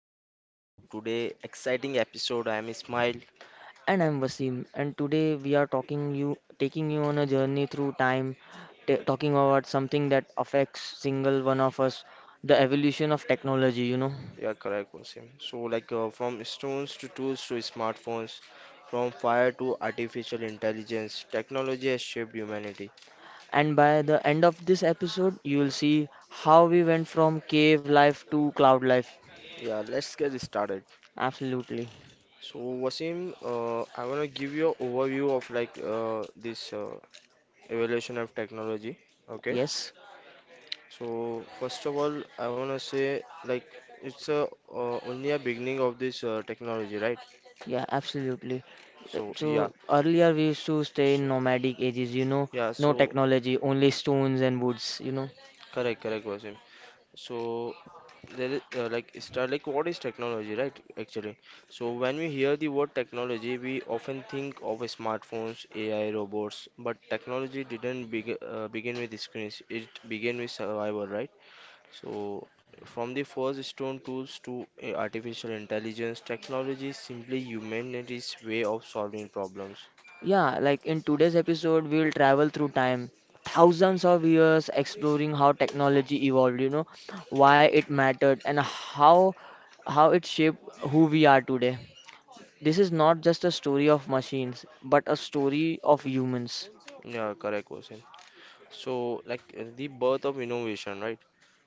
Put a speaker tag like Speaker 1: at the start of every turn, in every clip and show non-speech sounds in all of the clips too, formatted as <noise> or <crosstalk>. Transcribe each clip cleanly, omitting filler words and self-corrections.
Speaker 1: everyone to today exciting episode. I'm Ismail.
Speaker 2: And I'm Wasim, and today we are talking you taking you on a journey through time, t talking about something that affects single one of us, the evolution of technology,
Speaker 1: Yeah, correct, Qasim. So like from stones to tools to smartphones, from fire to artificial intelligence, technology has shaped humanity.
Speaker 2: And by the end of this episode, you will see how we went from cave life to cloud life.
Speaker 1: Yeah, let's get started.
Speaker 2: Absolutely.
Speaker 1: So Wasim, I wanna give you an overview of like this evolution of technology. Okay.
Speaker 2: Yes.
Speaker 1: So first of all, I wanna say like it's a only a beginning of this technology, right?
Speaker 2: Yeah, absolutely. Uh,
Speaker 1: So yeah.
Speaker 2: So earlier we used to stay in
Speaker 1: So
Speaker 2: nomadic ages,
Speaker 1: Yeah,
Speaker 2: no
Speaker 1: so
Speaker 2: technology, only stones and woods,
Speaker 1: correct, correct, Wasim. So there is like start like what is technology, right? Actually, so when we hear the word technology, we often think of smartphones, AI, robots, but technology didn't begin with screens. It began with survival, right? So from the first stone tools to artificial intelligence, technology is simply humanity's way of solving problems.
Speaker 2: Yeah, like in today's episode, we'll travel through time, thousands of years, exploring how technology evolved, why it mattered, and how it shaped who we are today. This is not just a story of machines, but a story of humans.
Speaker 1: Yeah, correct, Wasim. So, like the birth of innovation, right?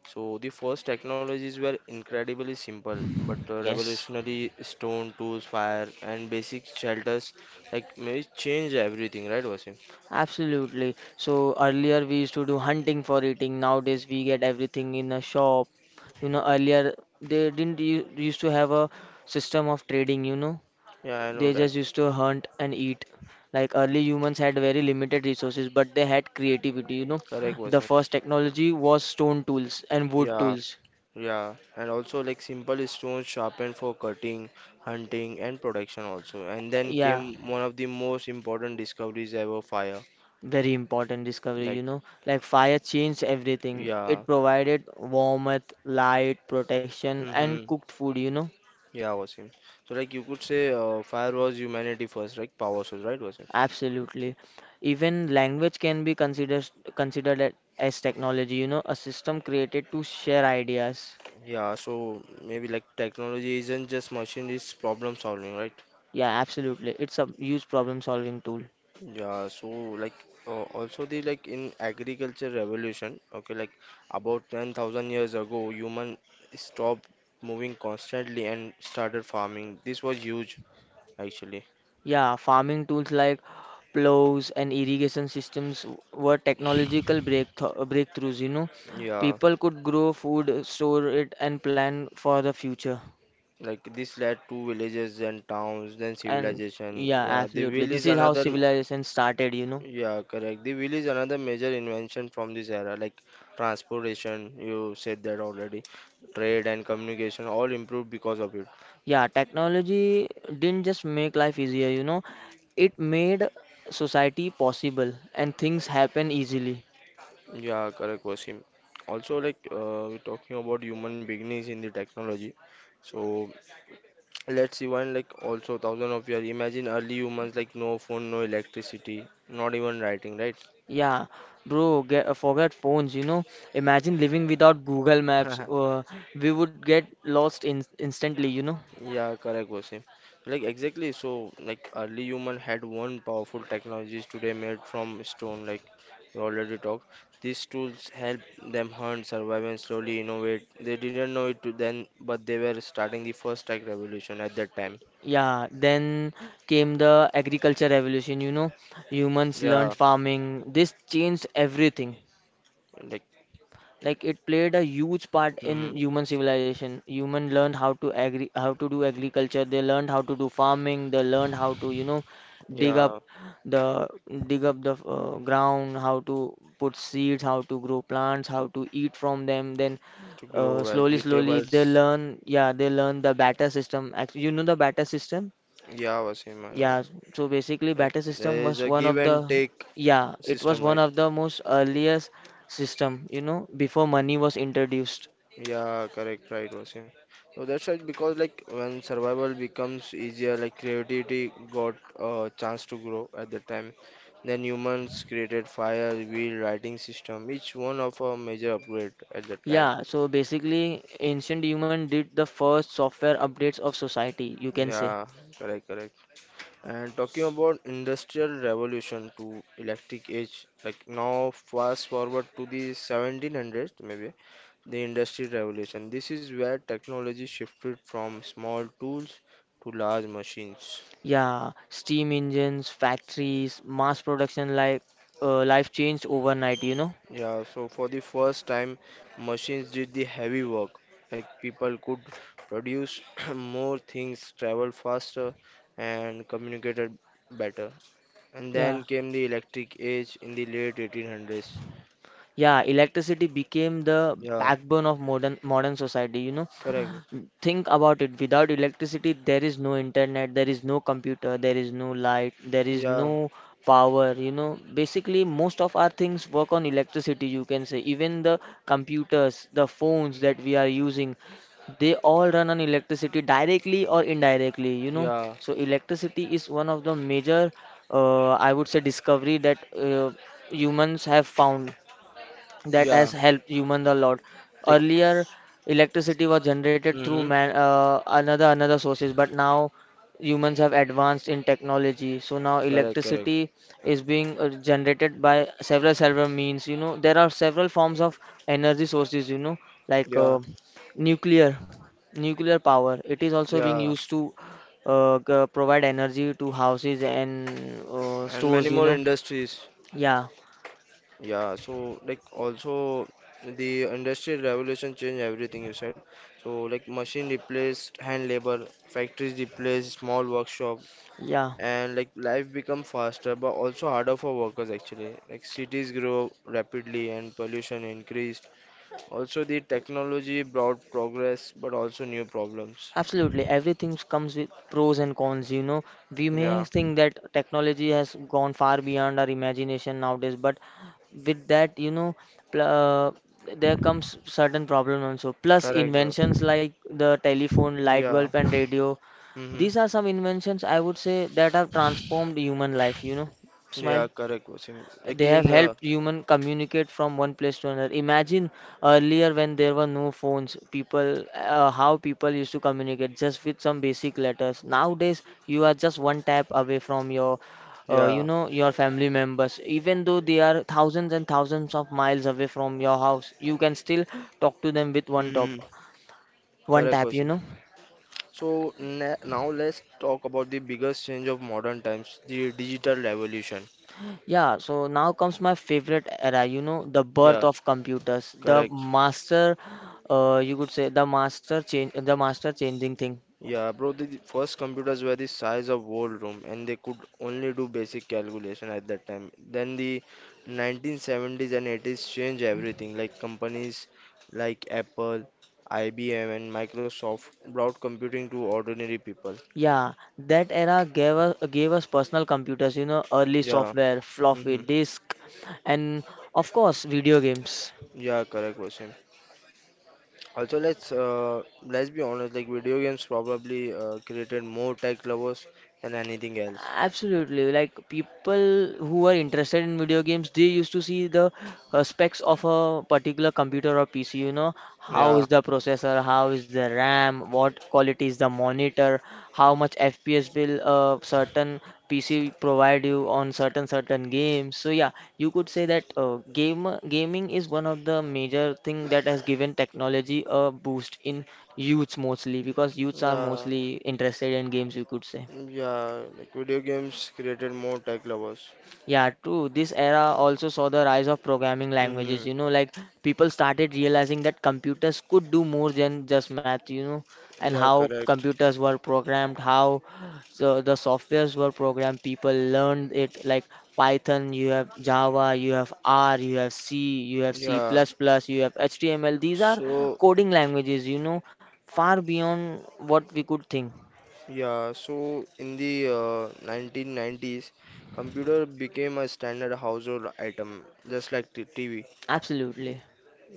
Speaker 1: So, the first technologies were incredibly simple but
Speaker 2: Yes,
Speaker 1: revolutionary stone tools, fire, and basic shelters like may change everything, right? Was.
Speaker 2: absolutely. So earlier we used to do hunting for eating. Nowadays we get everything in a shop. You know, earlier they didn't used to have a system of trading,
Speaker 1: Yeah, I know,
Speaker 2: They just
Speaker 1: right?
Speaker 2: used to hunt and eat. Like early humans had very limited resources, but they had creativity,
Speaker 1: Correct,
Speaker 2: The
Speaker 1: Wasim.
Speaker 2: first technology was stone tools and wood
Speaker 1: Yeah,
Speaker 2: tools.
Speaker 1: yeah, and also like simple stones sharpened for cutting, hunting, and production also. And then
Speaker 2: Yeah,
Speaker 1: came one of the most important discoveries ever, fire.
Speaker 2: very important discovery,
Speaker 1: Like,
Speaker 2: Like fire changed everything.
Speaker 1: yeah.
Speaker 2: It provided warmth, light, protection, and
Speaker 1: Mm-hmm.
Speaker 2: cooked food,
Speaker 1: Yeah, Wasim. So like you could say, fire was humanity first, right? Power source, right, Wasim?
Speaker 2: Absolutely. Even language can be considered as technology, a system created to share ideas.
Speaker 1: Yeah, so maybe like technology isn't just machine, it's problem solving, right?
Speaker 2: Yeah, absolutely. It's a huge problem solving tool.
Speaker 1: Yeah, so like also the like in agriculture revolution, okay, like about 10,000 years ago, human stopped moving constantly and started farming. This was huge actually.
Speaker 2: Yeah, farming tools like plows and irrigation systems were technological breakthroughs,
Speaker 1: Yeah,
Speaker 2: People could grow food, store it, and plan for the future.
Speaker 1: like this led to villages and towns, then
Speaker 2: And
Speaker 1: civilization.
Speaker 2: Yeah,
Speaker 1: Yeah, the
Speaker 2: absolutely.
Speaker 1: wheel
Speaker 2: This
Speaker 1: is
Speaker 2: is how
Speaker 1: another.
Speaker 2: civilization started,
Speaker 1: Yeah, correct. The wheel is another major invention from this era, like transportation, you said that already, trade and communication all improved because of it.
Speaker 2: Yeah, technology didn't just make life easier, it made society possible and things happen easily.
Speaker 1: Yeah, correct, Wasim. Also, like we're talking about human beginnings in the technology. So let's see one like also thousand of years. Imagine early humans like no phone, no electricity, not even writing,
Speaker 2: Yeah, bro, forget phones, Imagine living without Google Maps.
Speaker 1: right? <laughs>
Speaker 2: We would get lost in instantly,
Speaker 1: Yeah, correct, Wasim. Like exactly. So, like early human had one powerful technologies today made from stone. Like we already talked, these tools help them hunt, survive, and slowly innovate. They didn't know it to then, but they were starting the first tech revolution at that time.
Speaker 2: Yeah, then came the agriculture revolution, Humans learned
Speaker 1: Yeah,
Speaker 2: farming. This changed everything.
Speaker 1: like
Speaker 2: Like it played a huge part in
Speaker 1: hmm
Speaker 2: human civilization. Human learned how to agri how to do agriculture, they learned how to do farming, they learned how to, dig up
Speaker 1: yeah,
Speaker 2: the dig up the ground, how to put seeds, how to grow plants, how to eat from them. Then
Speaker 1: to grow
Speaker 2: slowly they
Speaker 1: vegetables.
Speaker 2: learn, yeah, they learn the batter system actually, you know, the batter system.
Speaker 1: Yeah, Wasim, I know.
Speaker 2: Yeah, so basically
Speaker 1: Like
Speaker 2: batter system
Speaker 1: there is
Speaker 2: was
Speaker 1: a
Speaker 2: one
Speaker 1: give
Speaker 2: of
Speaker 1: and
Speaker 2: the,
Speaker 1: take
Speaker 2: yeah, it was
Speaker 1: system,
Speaker 2: one
Speaker 1: right?
Speaker 2: of the most earliest system, before money was introduced.
Speaker 1: Yeah, correct, right, Vasim. So that's right because like when survival becomes easier, like creativity got a chance to grow at that time. Then humans created fire, wheel, writing system, each one of a major upgrade at that time.
Speaker 2: Yeah, so basically ancient human did the first software updates of society, you can say.
Speaker 1: Yeah, correct, correct. And talking about industrial revolution to electric age, like now fast forward to the 1700s maybe. The Industrial Revolution. This is where technology shifted from small tools to large machines.
Speaker 2: Yeah, steam engines, factories, mass production, life changed overnight,
Speaker 1: Yeah, so for the first time, machines did the heavy work. Like people could produce <clears throat> more things, travel faster, and communicated better. And
Speaker 2: Yeah.
Speaker 1: then came the electric age in the late 1800s.
Speaker 2: Yeah, electricity became the
Speaker 1: Yeah,
Speaker 2: backbone of modern society,
Speaker 1: correct.
Speaker 2: Think about it. Without electricity, there is no internet, there is no computer, there is no light, there is
Speaker 1: Yeah,
Speaker 2: no power, Basically, most of our things work on electricity, you can say. Even the computers, the phones that we are using, they all run on electricity directly or indirectly,
Speaker 1: yeah,
Speaker 2: So electricity is one of the major, I would say, discovery that humans have found that has
Speaker 1: yeah.
Speaker 2: helped humans a lot.
Speaker 1: Like,
Speaker 2: Earlier, electricity was generated through
Speaker 1: mm-hmm.
Speaker 2: another sources, but now humans have advanced in technology. So now
Speaker 1: Correct, correct.
Speaker 2: electricity is being generated by several means. You know, there are several forms of energy sources. Like
Speaker 1: Yeah,
Speaker 2: uh, nuclear, nuclear power. It is also being
Speaker 1: yeah.
Speaker 2: used to provide energy to houses and
Speaker 1: And
Speaker 2: stores.
Speaker 1: many more industries.
Speaker 2: Yeah,
Speaker 1: Yeah, so like also the industrial revolution changed everything you said. So like machine replaced hand labor, factories replaced small workshop,
Speaker 2: yeah.
Speaker 1: and like life become faster but also harder for workers actually. Like cities grow rapidly and pollution increased. Also the technology brought progress but also new problems.
Speaker 2: Absolutely, everything comes with pros and cons. You know, we may
Speaker 1: Yeah.
Speaker 2: think that technology has gone far beyond our imagination nowadays, but with that, pl- uh, there comes certain problem also. Plus, inventions like the telephone, light bulb, and radio.
Speaker 1: hmm
Speaker 2: These are some inventions I would say that have transformed human life. You know,
Speaker 1: beings. Yeah,
Speaker 2: smile.
Speaker 1: correct, Wasim. Like
Speaker 2: They
Speaker 1: that
Speaker 2: have
Speaker 1: in, can
Speaker 2: helped human communicate from one place to another. Imagine earlier when there were no phones, people how people used to communicate just with some basic letters. Nowadays, you are just one tap away from your
Speaker 1: yeah, you
Speaker 2: your family members, even though they are thousands and thousands of miles away from your house. You can still talk to them with
Speaker 1: one
Speaker 2: one
Speaker 1: tap.
Speaker 2: tap,
Speaker 1: Wasim. So na now let's talk about the biggest change of modern times, the digital revolution.
Speaker 2: Yeah, so now comes my favorite era, the birth
Speaker 1: Yeah,
Speaker 2: of computers,
Speaker 1: correct.
Speaker 2: you could say the master changing thing.
Speaker 1: Yeah, bro, the first computers were the size of whole room and they could only do basic calculation at that time. Then the 1970s and 80s changed everything. Like companies like Apple, IBM and Microsoft brought computing to ordinary people.
Speaker 2: Yeah, that era gave us personal computers, early
Speaker 1: Yeah.
Speaker 2: software, floppy
Speaker 1: Mm-hmm.
Speaker 2: disk, and of course, video games.
Speaker 1: Yeah, correct, Wasim. Also, let's be honest. Like, video games probably created more tech lovers than anything else.
Speaker 2: Absolutely. Like people who are interested in video games, they used to see the specs of a particular computer or PC, how is
Speaker 1: Yeah.
Speaker 2: the processor, how is the RAM, what quality is the monitor, how much FPS will a certain PC provide you on certain games. So yeah, you could say that game gaming is one of the major thing that has given technology a boost in youths, mostly because youths are
Speaker 1: Yeah.
Speaker 2: mostly interested in games, you could say.
Speaker 1: Yeah, like video games created more tech lovers.
Speaker 2: Yeah, true. This era also saw the rise of programming languages.
Speaker 1: hmm
Speaker 2: Like people started realizing that computers could do more than just math, and
Speaker 1: Yeah,
Speaker 2: how
Speaker 1: correct.
Speaker 2: computers were programmed, how so the softwares were programmed. People learned it like Python, you have Java, you have R, you have C, you have C++,
Speaker 1: Yeah.
Speaker 2: plus plus, you have HTML. These are
Speaker 1: So,
Speaker 2: coding languages, far beyond what we could think.
Speaker 1: yeah, so in the 1990s, computer became a standard household item, just like the TV.
Speaker 2: Absolutely.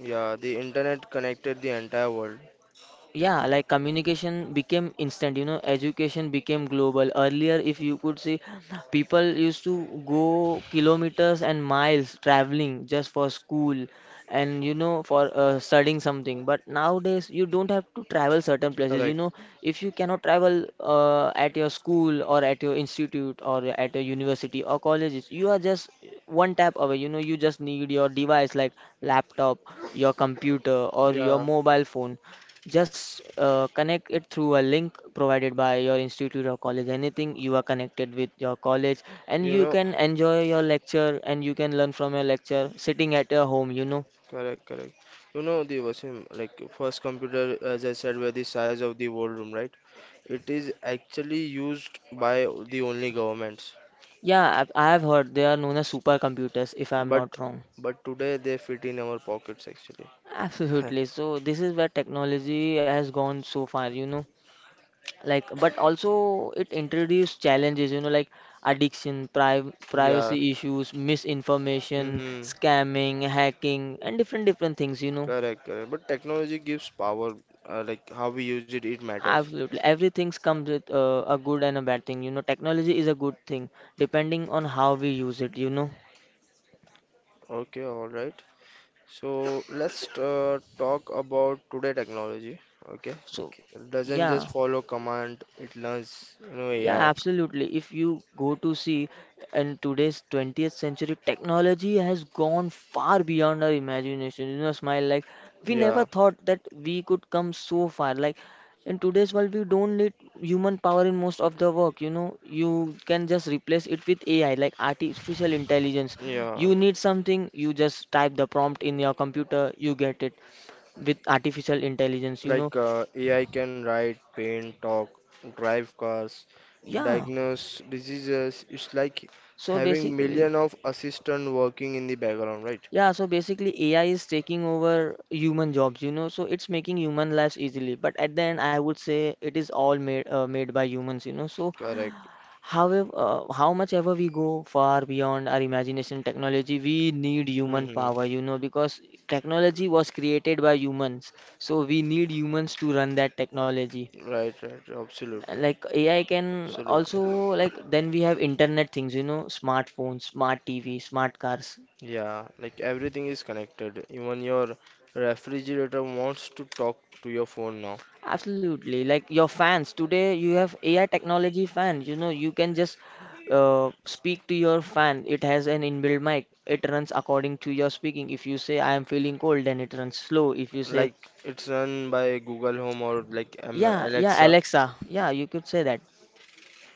Speaker 1: Yeah, the internet connected the entire world.
Speaker 2: Yeah, like communication became instant, you know, education became global. Earlier, if you could see, people used to go kilometers and miles traveling just for school, and, you know, for studying something. But nowadays you don't have to travel certain places, you
Speaker 1: Correct.
Speaker 2: know, if you cannot travel at your school or at your institute or at a university or colleges. You are just one tap away, you know. You just need your device, like laptop, your computer, or your
Speaker 1: Yeah.
Speaker 2: mobile phone. Just connect it through a link provided by your institute or college. Anything, you are connected with your college, and
Speaker 1: You
Speaker 2: you
Speaker 1: know,
Speaker 2: can enjoy your lecture and you can learn from your lecture sitting at your home,
Speaker 1: correct, correct. You know, the Wasim, like first computer, as I said, were the size of the whole room, right? It is actually used by the only governments.
Speaker 2: Yeah, I have heard they are known as supercomputers, if I'm
Speaker 1: But
Speaker 2: not wrong.
Speaker 1: but today they fit in our pockets actually. <laughs>
Speaker 2: Absolutely. So, this is where technology has gone so far, Like but also it introduced challenges, you know, like addiction pri-
Speaker 1: Yeah.
Speaker 2: privacy issues, misinformation,
Speaker 1: Mm-hmm.
Speaker 2: scamming, hacking, and different things,
Speaker 1: Correct, correct. But technology gives power, like how we use it, it matters.
Speaker 2: absolutely, everything comes with a good and a bad thing, you know. Technology is a good thing depending on how we use it,
Speaker 1: Okay, all right. So let's talk about today technology. Okay,
Speaker 2: so
Speaker 1: like it doesn't
Speaker 2: yeah.
Speaker 1: just follow command, it learns, you know,
Speaker 2: Yeah,
Speaker 1: AI.
Speaker 2: absolutely. If you go to see in today's 20th century, technology has gone far beyond our imagination. You know, smile like we never
Speaker 1: Yeah,
Speaker 2: thought that we could come so far. Like in today's world, we don't need human power in most of the work. You know, you can just replace it with AI, like artificial intelligence.
Speaker 1: yeah.
Speaker 2: You need something, you just type the prompt in your computer, you get it with artificial intelligence.
Speaker 1: Like AI can write, paint, talk, drive cars,
Speaker 2: Yeah.
Speaker 1: diagnose diseases. It's like
Speaker 2: So
Speaker 1: having
Speaker 2: basically.
Speaker 1: million of assistant working in the background, right?
Speaker 2: Yeah, so basically AI is taking over human jobs, you know, so it's making human lives easily. But at the end, I would say it is all made by humans, So
Speaker 1: Correct.
Speaker 2: however, how much ever we go far beyond our imagination, technology, we need human
Speaker 1: hmm
Speaker 2: power, because technology was created by humans, so we need humans to run that technology.
Speaker 1: Right, right, absolutely,
Speaker 2: Uh, Like AI can
Speaker 1: absolutely.
Speaker 2: also like then we have internet things, smartphones, smart TV, smart cars.
Speaker 1: Yeah, like everything is connected. Even your refrigerator wants to talk to your phone now.
Speaker 2: Absolutely. Like your fans today, you have AI technology fan. You know, you can just speak to your fan. It has an inbuilt mic. It runs according to your speaking. If you say I am feeling cold, then it runs slow. If you say
Speaker 1: Like it's run by Google Home or like
Speaker 2: yeah,
Speaker 1: Alexa.
Speaker 2: Alexa, yeah, you could say that.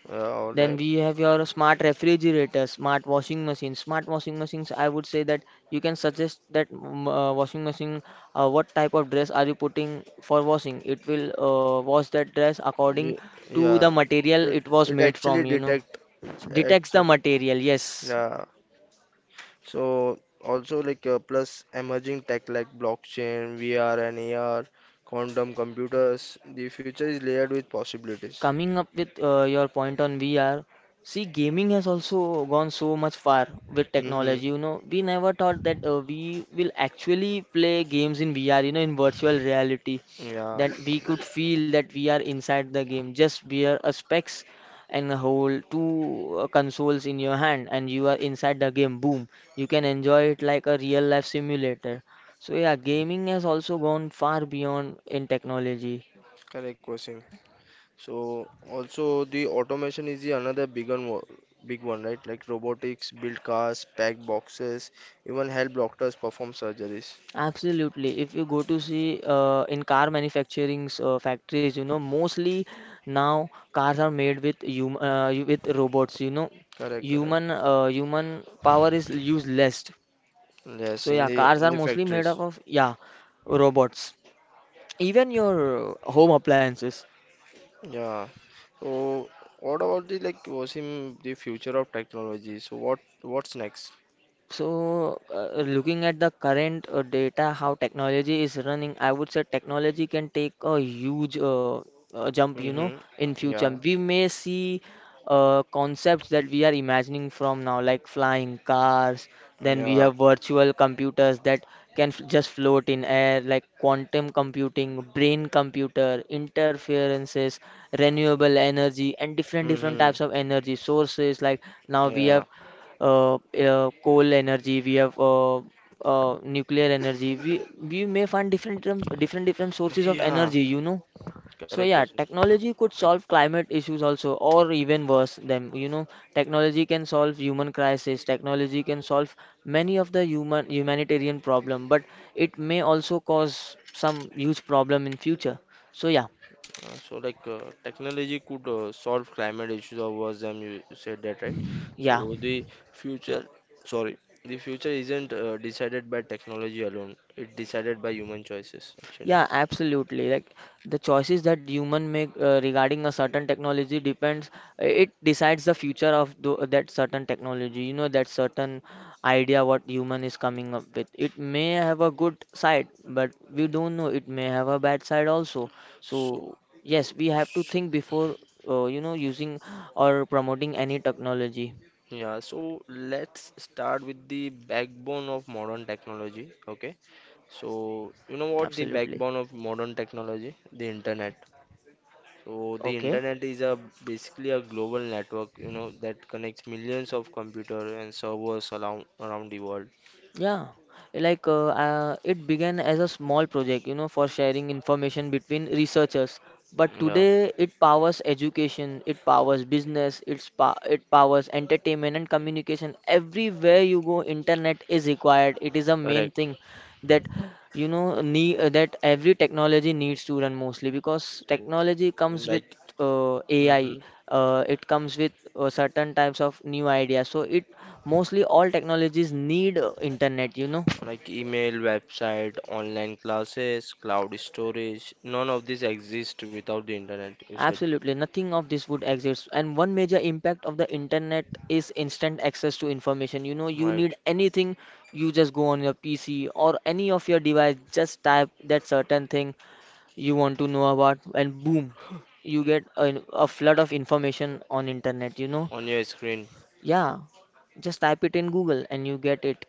Speaker 1: Yeah, all
Speaker 2: Then
Speaker 1: right.
Speaker 2: we have your smart refrigerator, smart washing machine. Smart washing machines, I would say that you can suggest that washing machine, what type of dress are you putting for washing? It will wash that dress according
Speaker 1: Ye-
Speaker 2: to
Speaker 1: Yeah,
Speaker 2: the material
Speaker 1: it
Speaker 2: it was
Speaker 1: it
Speaker 2: made from,
Speaker 1: actually detect which
Speaker 2: Detects the
Speaker 1: actually
Speaker 2: material, yes.
Speaker 1: yeah. So also like plus emerging tech like blockchain, VR and AR, quantum computers. The future is layered with possibilities.
Speaker 2: Coming up with your point on VR, see, gaming has also gone so much far with
Speaker 1: Mm-hmm.
Speaker 2: technology. You know, we never thought that we will actually play games in VR, you know, in virtual reality,
Speaker 1: Yeah,
Speaker 2: that we could feel that we are inside the game. Just wear a specs and hold two consoles in your hand, and you are inside the game. Boom, you can enjoy it like a real life simulator. So yeah, gaming has also gone far beyond in technology.
Speaker 1: correct question. So also the automation is the another big one, big one, right? Like robotics, build cars, pack boxes, even help doctors perform surgeries.
Speaker 2: Absolutely. If you go to see in car manufacturing's factories, you know, mostly now cars are made with hum with robots,
Speaker 1: Correct, correct.
Speaker 2: Human human power is used less. So
Speaker 1: Yes, in
Speaker 2: yeah,
Speaker 1: the
Speaker 2: cars are
Speaker 1: in the
Speaker 2: mostly made up
Speaker 1: factories.
Speaker 2: of, yeah, robots. Even your home appliances.
Speaker 1: Yeah. So what about the like was in the future of technology? So what's next?
Speaker 2: So, looking at the current data, how technology is running, I would say technology can take a huge jump, you know,
Speaker 1: Mm-hmm.
Speaker 2: in future.
Speaker 1: Yeah.
Speaker 2: We may see concepts that we are imagining from now, like flying cars. Then we
Speaker 1: Yeah.
Speaker 2: have virtual computers that can f just float in air, like quantum computing, brain computer, interferences, renewable energy, and different different
Speaker 1: Mm-hmm.
Speaker 2: types of energy sources. Like now we
Speaker 1: Yeah.
Speaker 2: have coal energy, we have nuclear energy. We may find different different sources of
Speaker 1: Yeah.
Speaker 2: energy, you know. So
Speaker 1: Correct.
Speaker 2: yeah,
Speaker 1: Question.
Speaker 2: technology could solve climate issues also, or even worse them. You know, technology can solve human crisis. Technology can solve many of the human humanitarian problem, but it may also cause some huge problem in future. So yeah,
Speaker 1: So like technology could solve climate issues or worse than you, you said that right.
Speaker 2: yeah.
Speaker 1: So the future, sorry, the future isn't decided by technology alone, it's decided by human choices actually.
Speaker 2: Yeah, absolutely. Like the choices that human make regarding a certain technology depends. It decides the future of that certain technology. You know that certain idea what human is coming up with. It may have a good side, but we don't know. It may have a bad side also. So
Speaker 1: so uh,
Speaker 2: yes, we have to
Speaker 1: so
Speaker 2: think before you know using or promoting any technology.
Speaker 1: yeah, so let's start with the backbone of modern technology. Okay, so you know what the
Speaker 2: Absolutely.
Speaker 1: backbone of modern technology, the internet. So the
Speaker 2: Okay.
Speaker 1: internet is a basically a global network, you know, that connects millions of computer and servers around the world.
Speaker 2: Yeah, like it began as a small project, you know, for sharing information between researchers. But
Speaker 1: Yeah,
Speaker 2: today, it powers education, it powers business, it powers entertainment and communication. Everywhere you go, internet is required. It is a main
Speaker 1: correct.
Speaker 2: thing that you know need that every technology needs to run mostly because technology comes with
Speaker 1: Like
Speaker 2: AI.
Speaker 1: mhm.
Speaker 2: It comes with certain types of new ideas. So it mostly all technologies need internet, you know.
Speaker 1: Like email, website, online classes, cloud storage, none of this exists without the internet, you said.
Speaker 2: Absolutely, nothing of this would exist. And one major impact of the internet is instant access to information. You know, you need
Speaker 1: Right,
Speaker 2: anything, you just go on your PC or any of your device, just type that certain thing you want to know about, and boom, you get a flood of information on internet, you know.
Speaker 1: on your screen
Speaker 2: Yeah, just type it in Google and you get it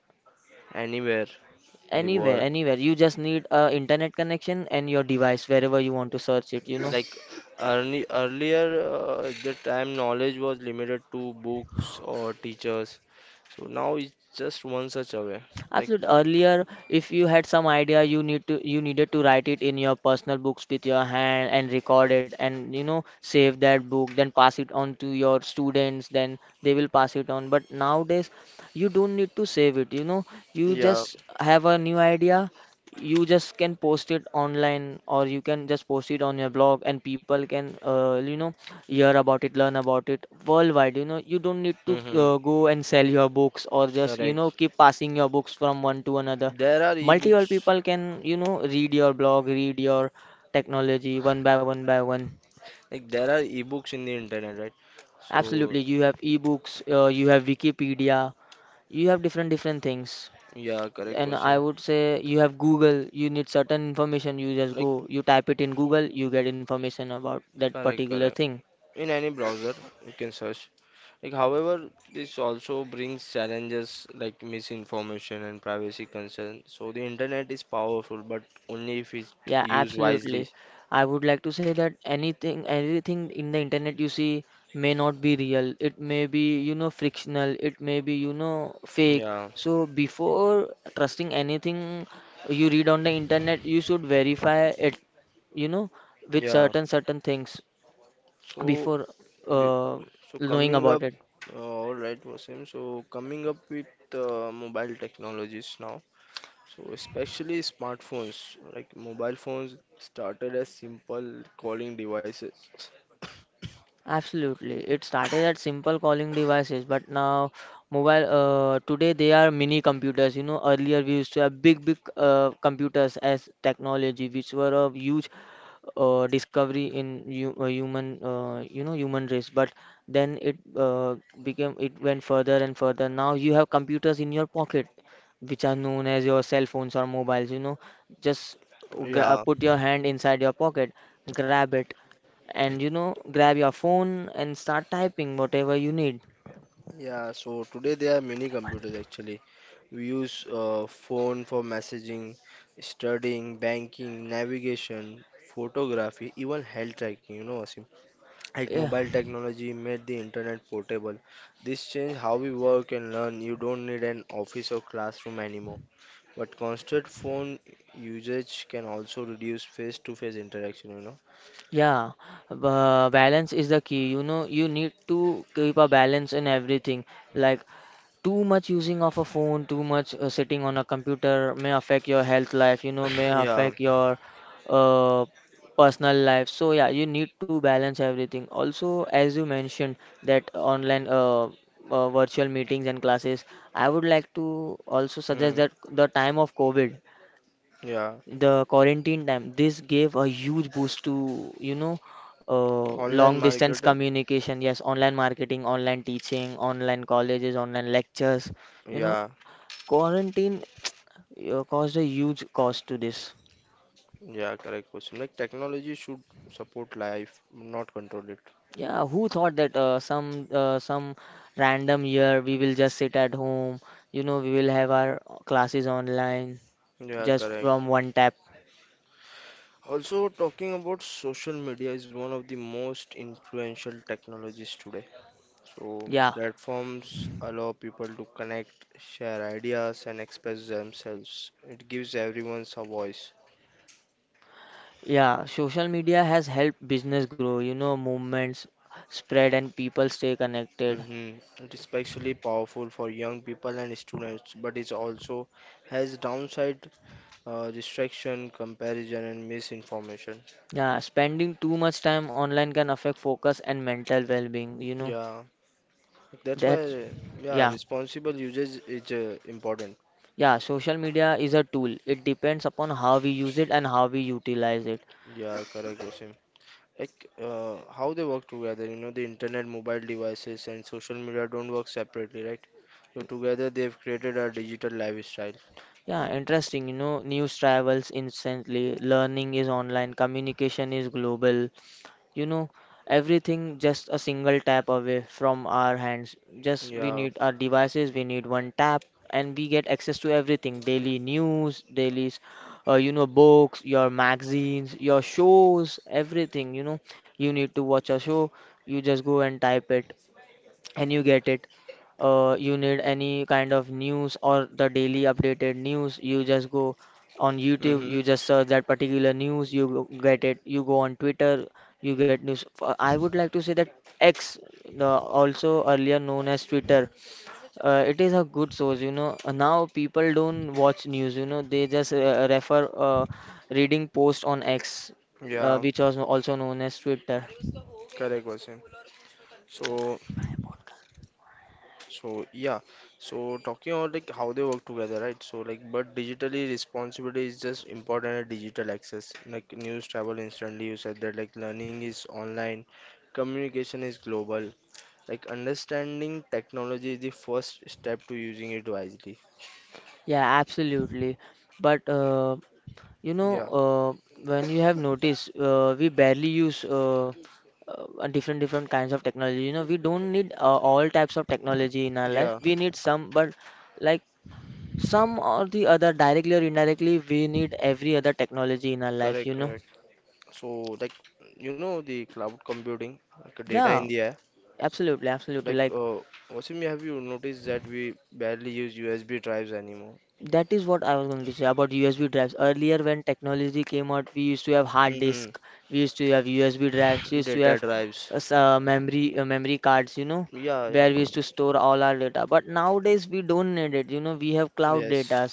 Speaker 1: anywhere in the
Speaker 2: anywhere,
Speaker 1: world.
Speaker 2: anywhere. You just need a internet connection and your device wherever you want to search it, you know.
Speaker 1: Like early, earlier at the time knowledge was limited to books or teachers, so now it's just one such away. Like
Speaker 2: Absolutely. Earlier, if you had some idea, you needed to write it in your personal books with your hand and record it and you know save that book, then pass it on to your students, then they will pass it on. But nowadays, you don't need to save it. You know, you
Speaker 1: yeah,
Speaker 2: just have a new idea, you just can post it online or you can just post it on your blog and people can, you know, hear about it, learn about it worldwide. You know, you don't need to
Speaker 1: mm-hmm.
Speaker 2: go and sell your books or just, you
Speaker 1: Correct.
Speaker 2: know, keep passing your books from one to another.
Speaker 1: There are
Speaker 2: Multiple
Speaker 1: ebooks.
Speaker 2: people can, you know, read your blog, read your technology one by one by one.
Speaker 1: Like there are ebooks in the internet, right? So
Speaker 2: Absolutely. You have ebooks, you have Wikipedia, you have different different things.
Speaker 1: yeah, correct
Speaker 2: And I
Speaker 1: question.
Speaker 2: would say you have Google, you need certain information, you just
Speaker 1: Like
Speaker 2: go, you type it in Google, you get information about that
Speaker 1: correct,
Speaker 2: particular
Speaker 1: correct.
Speaker 2: thing.
Speaker 1: In any browser, you can search. Like, however, this also brings challenges like misinformation and privacy concerns. So the internet is powerful, but only if it's
Speaker 2: Yeah,
Speaker 1: used wisely.
Speaker 2: absolutely. I would like to say that anything, everything in the internet you see may not be real. It may be, you know, frictional. It may be, you know, fake.
Speaker 1: Yeah,
Speaker 2: So before trusting anything you read on the internet, you should verify it, you know, with
Speaker 1: yeah.
Speaker 2: certain certain things
Speaker 1: So,
Speaker 2: before
Speaker 1: be-
Speaker 2: uh,
Speaker 1: so
Speaker 2: knowing
Speaker 1: coming
Speaker 2: about
Speaker 1: up,
Speaker 2: it.
Speaker 1: all right, Wasim. So coming up with mobile technologies now. So especially smartphones, like mobile phones started as simple calling devices.
Speaker 2: Absolutely. It started at simple calling devices, but now mobile today they are mini computers. You know, earlier we used to have big, big computers as technology, which were of huge discovery in human you know human race, but then it went further and further. Now you have computers in your pocket, which are known as your cell phones or mobiles, you know, just
Speaker 1: Yeah,
Speaker 2: put your hand inside your pocket, grab it, and you know grab your phone and start typing whatever you need.
Speaker 1: yeah. So today there are many computers actually. We use phone for messaging, studying, banking, navigation, photography, even health tracking. You know, Asim. Like
Speaker 2: Yeah,
Speaker 1: mobile technology made the internet portable. This changed how we work and learn. You don't need an office or classroom anymore. But constant phone usage can also reduce face-to-face interaction. You know.
Speaker 2: yeah. Balance is the key. You know, you need to keep a balance in everything. Like too much using of a phone, too much sitting on a computer may affect your health life, you know, may
Speaker 1: Yeah.
Speaker 2: affect your uh, personal life. So yeah, you need to balance everything. Also, as you mentioned, that online virtual meetings and classes, I would like to also suggest that the time of covid,
Speaker 1: Yeah.
Speaker 2: the quarantine time, this gave a huge boost to, you know,
Speaker 1: Online.
Speaker 2: long distance communication. Yes, online marketing, online teaching, online colleges, online lectures, you know,
Speaker 1: Yeah.
Speaker 2: quarantine caused a huge cost to this.
Speaker 1: Yeah. Correct question. Like technology should support life, not control it.
Speaker 2: Yeah, who thought that some random year we will just sit at home, you know, we will have our classes online
Speaker 1: Yeah.
Speaker 2: just from one tap.
Speaker 1: Also, talking about social media is one of the most influential technologies today. So,
Speaker 2: Yeah.
Speaker 1: platforms allow people to connect, share ideas, and express themselves. It gives everyone a voice.
Speaker 2: Yeah, social media has helped business grow, you know, movements spread and people stay connected.
Speaker 1: Mhm. It is especially powerful for young people and students, but it also has downside distraction, comparison, and misinformation.
Speaker 2: Yeah, spending too much time online can affect focus and mental well-being, you know.
Speaker 1: Yeah, that's
Speaker 2: That's
Speaker 1: why yeah,
Speaker 2: Yeah,
Speaker 1: responsible usage is important.
Speaker 2: yeah, social media is a tool. It depends upon how we use it and how we utilize it.
Speaker 1: Yeah, correct, Wasim. Like how they work together, you know, the internet, mobile devices and social media don't work separately, right? So together they've created a digital lifestyle.
Speaker 2: Yeah, interesting, you know, news travels instantly, learning is online, communication is global, you know, everything just a single tap away from our hands. Just we
Speaker 1: Yeah,
Speaker 2: need our devices, we need one tap, and we get access to everything. Daily news dailies, you know, books, your magazines, your shows, everything, you know, you need to watch a show, you just go and type it and you get it. You need any kind of news or the daily updated news, you just go on YouTube,
Speaker 1: mm-hmm.
Speaker 2: you just search that particular news, you get it. You go on Twitter, you get news. I would like to say that X, also earlier known as Twitter, it is a good source. You know, now people don't watch news. You know, they just refer reading posts on X,
Speaker 1: Yeah,
Speaker 2: which was also known as Twitter.
Speaker 1: correct, Vasim. so So yeah, so talking about like how they work together, right? So like, but digitally responsibility is just important at digital access. Like news travel instantly. You said that, like learning is online, communication is global. Like understanding technology is the first step to using it wisely.
Speaker 2: Yeah, absolutely. But You know,
Speaker 1: Yeah.
Speaker 2: when you have noticed, we barely use different different kinds of technology. You know, we don't need all types of technology in our life.
Speaker 1: Yeah.
Speaker 2: We need some, but like some or the other, directly or indirectly, we need every other technology in our life.
Speaker 1: Correct.
Speaker 2: You know?
Speaker 1: Correct. So, like, you know, the cloud computing, like data
Speaker 2: Yeah,
Speaker 1: in the air.
Speaker 2: absolutely, absolutely.
Speaker 1: Like,
Speaker 2: Like
Speaker 1: Wasim, have you noticed that we barely use USB drives anymore?
Speaker 2: that is what I was going to say about USB drives. Earlier, when technology came out, we used to have hard
Speaker 1: Mm-hmm.
Speaker 2: disk, we used to have USB drives, we used to
Speaker 1: Data
Speaker 2: have
Speaker 1: drives.
Speaker 2: memory cards, you know,
Speaker 1: Yeah, yeah.
Speaker 2: where we used to store all our data. But nowadays, we don't need it. You know, we have cloud
Speaker 1: Yes,
Speaker 2: data,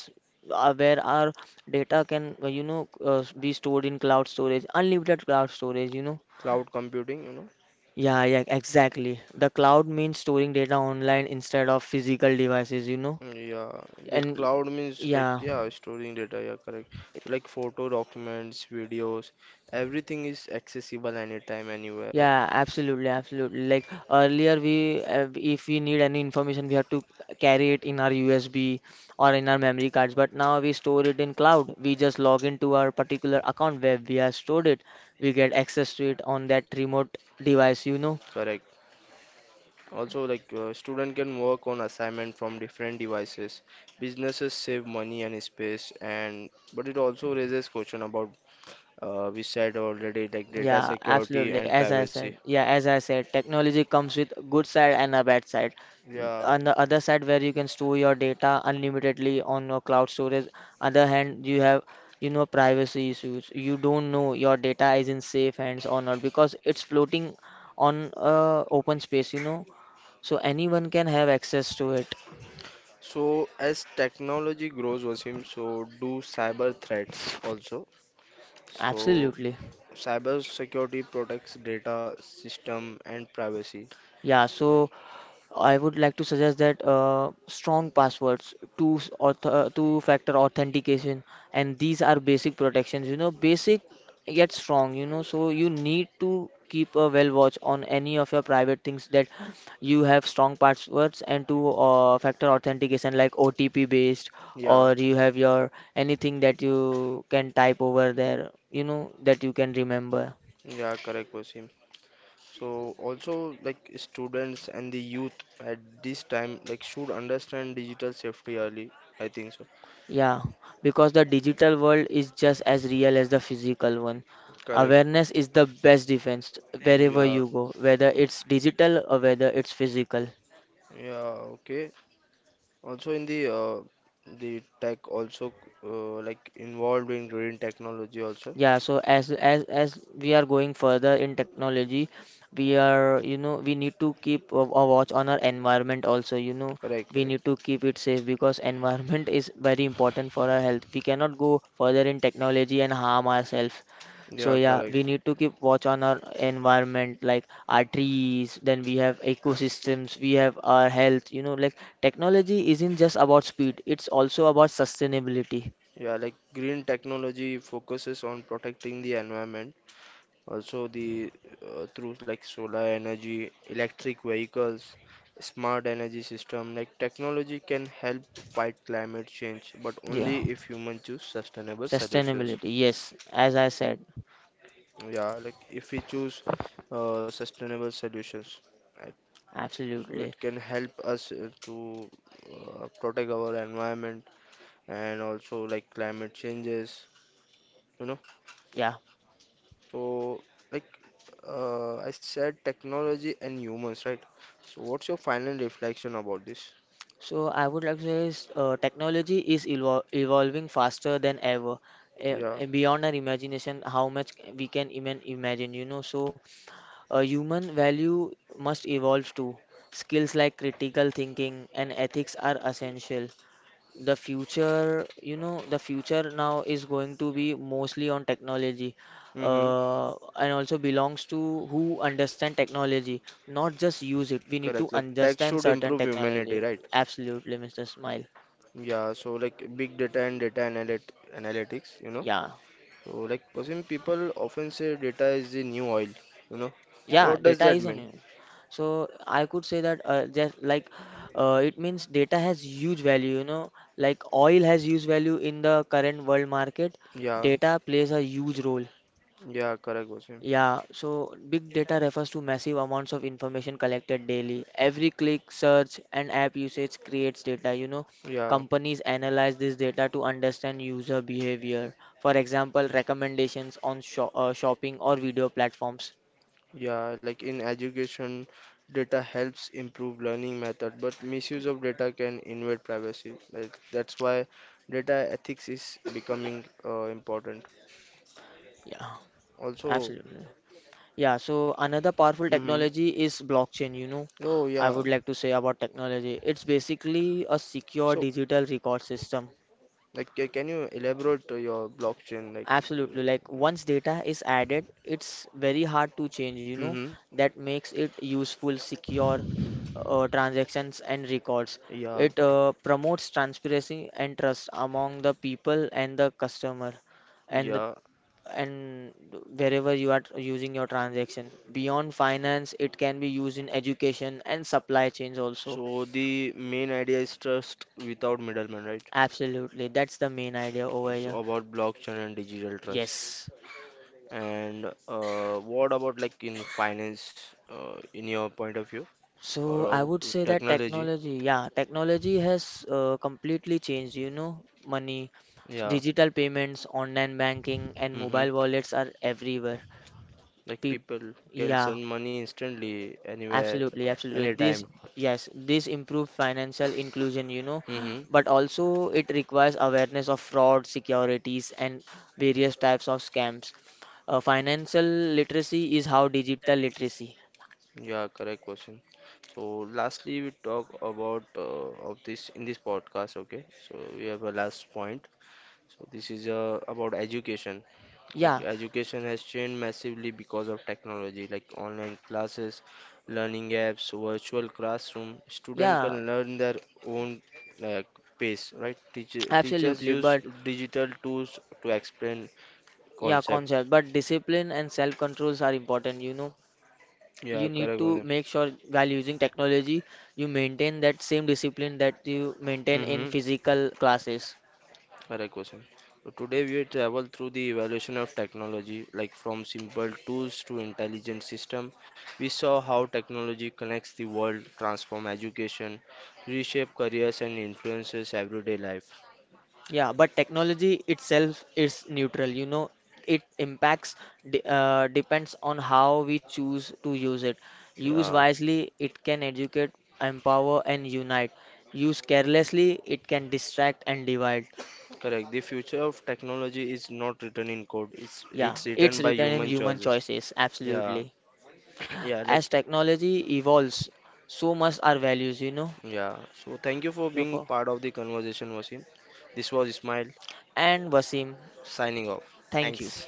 Speaker 2: where our data can, you know, be stored in cloud storage, unlimited cloud storage, you know.
Speaker 1: cloud computing, you know.
Speaker 2: Yeah, yeah, exactly. The cloud means storing data online instead of physical devices, you know.
Speaker 1: Yeah, the
Speaker 2: And
Speaker 1: cloud means like
Speaker 2: yeah.
Speaker 1: yeah, storing data. Yeah, correct. Like photo, documents, videos, everything is accessible anytime, anywhere.
Speaker 2: Yeah, absolutely, absolutely. Like earlier, we if we need any information, we have to carry it in our USB or in our memory cards. But now we store it in cloud. We just log into our particular account where we have stored it. We get access to it on that remote device, you know.
Speaker 1: Correct. Also, like student can work on assignment from different devices. Businesses save money and space, and but it also raises question about we said already like data
Speaker 2: Yeah,
Speaker 1: security
Speaker 2: absolutely.
Speaker 1: and
Speaker 2: As I
Speaker 1: privacy.
Speaker 2: said, yeah, as I said, technology comes with good side and a bad side.
Speaker 1: Yeah.
Speaker 2: On the other side, where you can store your data unlimitedly on your cloud storage, other hand, you have, you know, privacy issues. You don't know your data is in safe hands or not because it's floating on open space, you know, so anyone can have access to it.
Speaker 1: So as technology grows, Wasim, so do cyber threats also. So
Speaker 2: Absolutely.
Speaker 1: cyber security protects data, system, and privacy.
Speaker 2: Yeah,
Speaker 1: Right.
Speaker 2: so I would like to suggest that strong passwords, two factor authentication, and these are basic protections. You know, basic yet strong. You know, so you need to keep a well watch on any of your private things that you have strong passwords and two factor authentication like OTP based,
Speaker 1: Yeah,
Speaker 2: or you have your anything that you can type over there. You know that you can remember.
Speaker 1: yeah, correct, Wasim. So also like students and the youth at this time like should understand digital safety early. I think so.
Speaker 2: Yeah, because the digital world is just as real as the physical one.
Speaker 1: Correct.
Speaker 2: Awareness is the best defense wherever
Speaker 1: Yeah,
Speaker 2: you go, whether it's digital or whether it's physical.
Speaker 1: yeah, okay. Also in the tech also like involved in green technology also.
Speaker 2: Yeah, so as we are going further in technology, we are, you know, we need to keep a watch on our environment also. You know,
Speaker 1: Correct,
Speaker 2: we
Speaker 1: correct.
Speaker 2: need to keep it safe because <laughs> environment is very important for our health. We cannot go further in technology and harm ourselves. So
Speaker 1: Yeah,
Speaker 2: yeah, we
Speaker 1: correct.
Speaker 2: need to keep watch on our environment, like our trees, then we have ecosystems, we have our health, you know, like technology isn't just about speed, it's also about sustainability.
Speaker 1: Yeah, like green technology focuses on protecting the environment. Also the through like solar energy, electric vehicles, smart energy system. Like technology can help fight climate change, but
Speaker 2: Yeah,
Speaker 1: only if humans choose sustainable solutions.
Speaker 2: sustainability. Yes, as I said,
Speaker 1: Yeah, like if we choose sustainable solutions, right? So
Speaker 2: absolutely.
Speaker 1: it can help us to protect our environment and also like climate changes, you know.
Speaker 2: Yeah.
Speaker 1: So like I said, technology and humans, right? So what's your final reflection about this?
Speaker 2: So I would like to say is, technology is evolving faster than ever.
Speaker 1: Yeah.
Speaker 2: Beyond our imagination, how much we can even imagine, you know. So a human value must evolve too. Skills like critical thinking and ethics are essential. The future, you know, the future now is going to be mostly on technology,
Speaker 1: Mm-hmm.
Speaker 2: and also belongs to who understand technology, not just use it. We need
Speaker 1: Correct.
Speaker 2: to
Speaker 1: Like tech
Speaker 2: understand
Speaker 1: should
Speaker 2: certain
Speaker 1: improve humanity,
Speaker 2: technology.
Speaker 1: right?
Speaker 2: Absolutely, Mr. Smile.
Speaker 1: Yeah, so like big data and data analyt analytics, you know.
Speaker 2: Yeah.
Speaker 1: So like Wasim, people often say data is the new oil, you know. What
Speaker 2: Yeah,
Speaker 1: does
Speaker 2: data
Speaker 1: that
Speaker 2: is on
Speaker 1: mean?
Speaker 2: you. So I could say that just like it means data has huge value, you know, like oil has huge value in the current world market.
Speaker 1: Yeah,
Speaker 2: Data plays a huge role.
Speaker 1: yeah, correct, Wasim.
Speaker 2: Yeah, so big data refers to massive amounts of information collected daily. Every click, search, and app usage creates data. You know,
Speaker 1: Yeah,
Speaker 2: companies analyze this data to understand user behavior. For example, recommendations on shopping or video platforms.
Speaker 1: yeah, like in education, data helps improve learning method, but misuse of data can invade privacy. Like that's why data ethics is becoming important.
Speaker 2: Yeah,
Speaker 1: Also,
Speaker 2: absolutely. Yeah, so another powerful
Speaker 1: mm-hmm.
Speaker 2: technology is blockchain, you know.
Speaker 1: Oh
Speaker 2: I
Speaker 1: yeah.
Speaker 2: would like to say about technology. It's basically a secure
Speaker 1: So,
Speaker 2: digital record system.
Speaker 1: like, can you elaborate your blockchain? Like,
Speaker 2: Absolutely. Like once data is added, it's very hard to change, you know.
Speaker 1: Mm-hmm.
Speaker 2: That makes it useful, secure transactions and records. It promotes transparency and trust among the people and the customer and the
Speaker 1: Yeah.
Speaker 2: and wherever you are using your transaction. Beyond finance, it can be used in
Speaker 1: Yeah.
Speaker 2: education and supply chains also.
Speaker 1: So the main idea is trust without middlemen, right?
Speaker 2: Absolutely, that's the main idea over
Speaker 1: It's
Speaker 2: here.
Speaker 1: about blockchain and digital
Speaker 2: Yes.
Speaker 1: trust. And what about like in finance, in your point of view, or
Speaker 2: So I
Speaker 1: about
Speaker 2: would say that
Speaker 1: technology?
Speaker 2: technology, yeah, technology has completely changed, you know, money.
Speaker 1: Yeah.
Speaker 2: Digital payments, online banking, and
Speaker 1: hmm
Speaker 2: mobile wallets are everywhere.
Speaker 1: Like
Speaker 2: Peop
Speaker 1: people can
Speaker 2: Yeah,
Speaker 1: send money instantly anywhere,
Speaker 2: absolutely, absolutely. This,
Speaker 1: anytime.
Speaker 2: yes, this improve financial inclusion, you know, <gasps>
Speaker 1: hmm
Speaker 2: but also it requires awareness of fraud, securities, and various types of scams. Financial literacy is how digital literacy.
Speaker 1: Yeah, correct question. So lastly, we talk about of this in this podcast. Okay, so we have a last point. So this is about education. Yeah. Like
Speaker 2: Yeah,
Speaker 1: education has changed massively because of technology, like online classes, learning apps, virtual classroom. Student, yeah,
Speaker 2: yeah,
Speaker 1: can learn their own uh, pace, right? Teachers
Speaker 2: absolutely.
Speaker 1: use,
Speaker 2: But
Speaker 1: right, digital tools to explain, yeah,
Speaker 2: yeah,
Speaker 1: concept.
Speaker 2: concept. But discipline and self-controls are important, you know. You
Speaker 1: Yeah,
Speaker 2: need
Speaker 1: correct,
Speaker 2: to
Speaker 1: Gunjan.
Speaker 2: make sure while using technology, you maintain that same discipline that you maintain in
Speaker 1: Mm-hmm.
Speaker 2: physical classes.
Speaker 1: Correct question. So today we will travel through the evolution of technology, like from simple tools to intelligent system. We saw how technology connects the world, transform education, reshape careers and influences everyday life.
Speaker 2: Yeah, but technology itself is neutral. You know, it impacts de depends on how we choose to use it. Use
Speaker 1: Yeah.
Speaker 2: wisely, it can educate, empower, and unite. Use carelessly, it can distract and divide.
Speaker 1: Correct. The future of technology is not written in code. It's
Speaker 2: Yeah,
Speaker 1: it's
Speaker 2: it's
Speaker 1: written by
Speaker 2: written in
Speaker 1: human
Speaker 2: human
Speaker 1: choices.
Speaker 2: choices,
Speaker 1: Yeah.
Speaker 2: absolutely.
Speaker 1: <coughs> <clears throat> Yeah, like
Speaker 2: As technology evolves, so must our values, you know.
Speaker 1: yeah. So thank you for being
Speaker 2: Therefore-
Speaker 1: part of the conversation, Wasim. This was Ismail
Speaker 2: And Wasim,
Speaker 1: signing off.
Speaker 2: thank you.
Speaker 1: Thanks.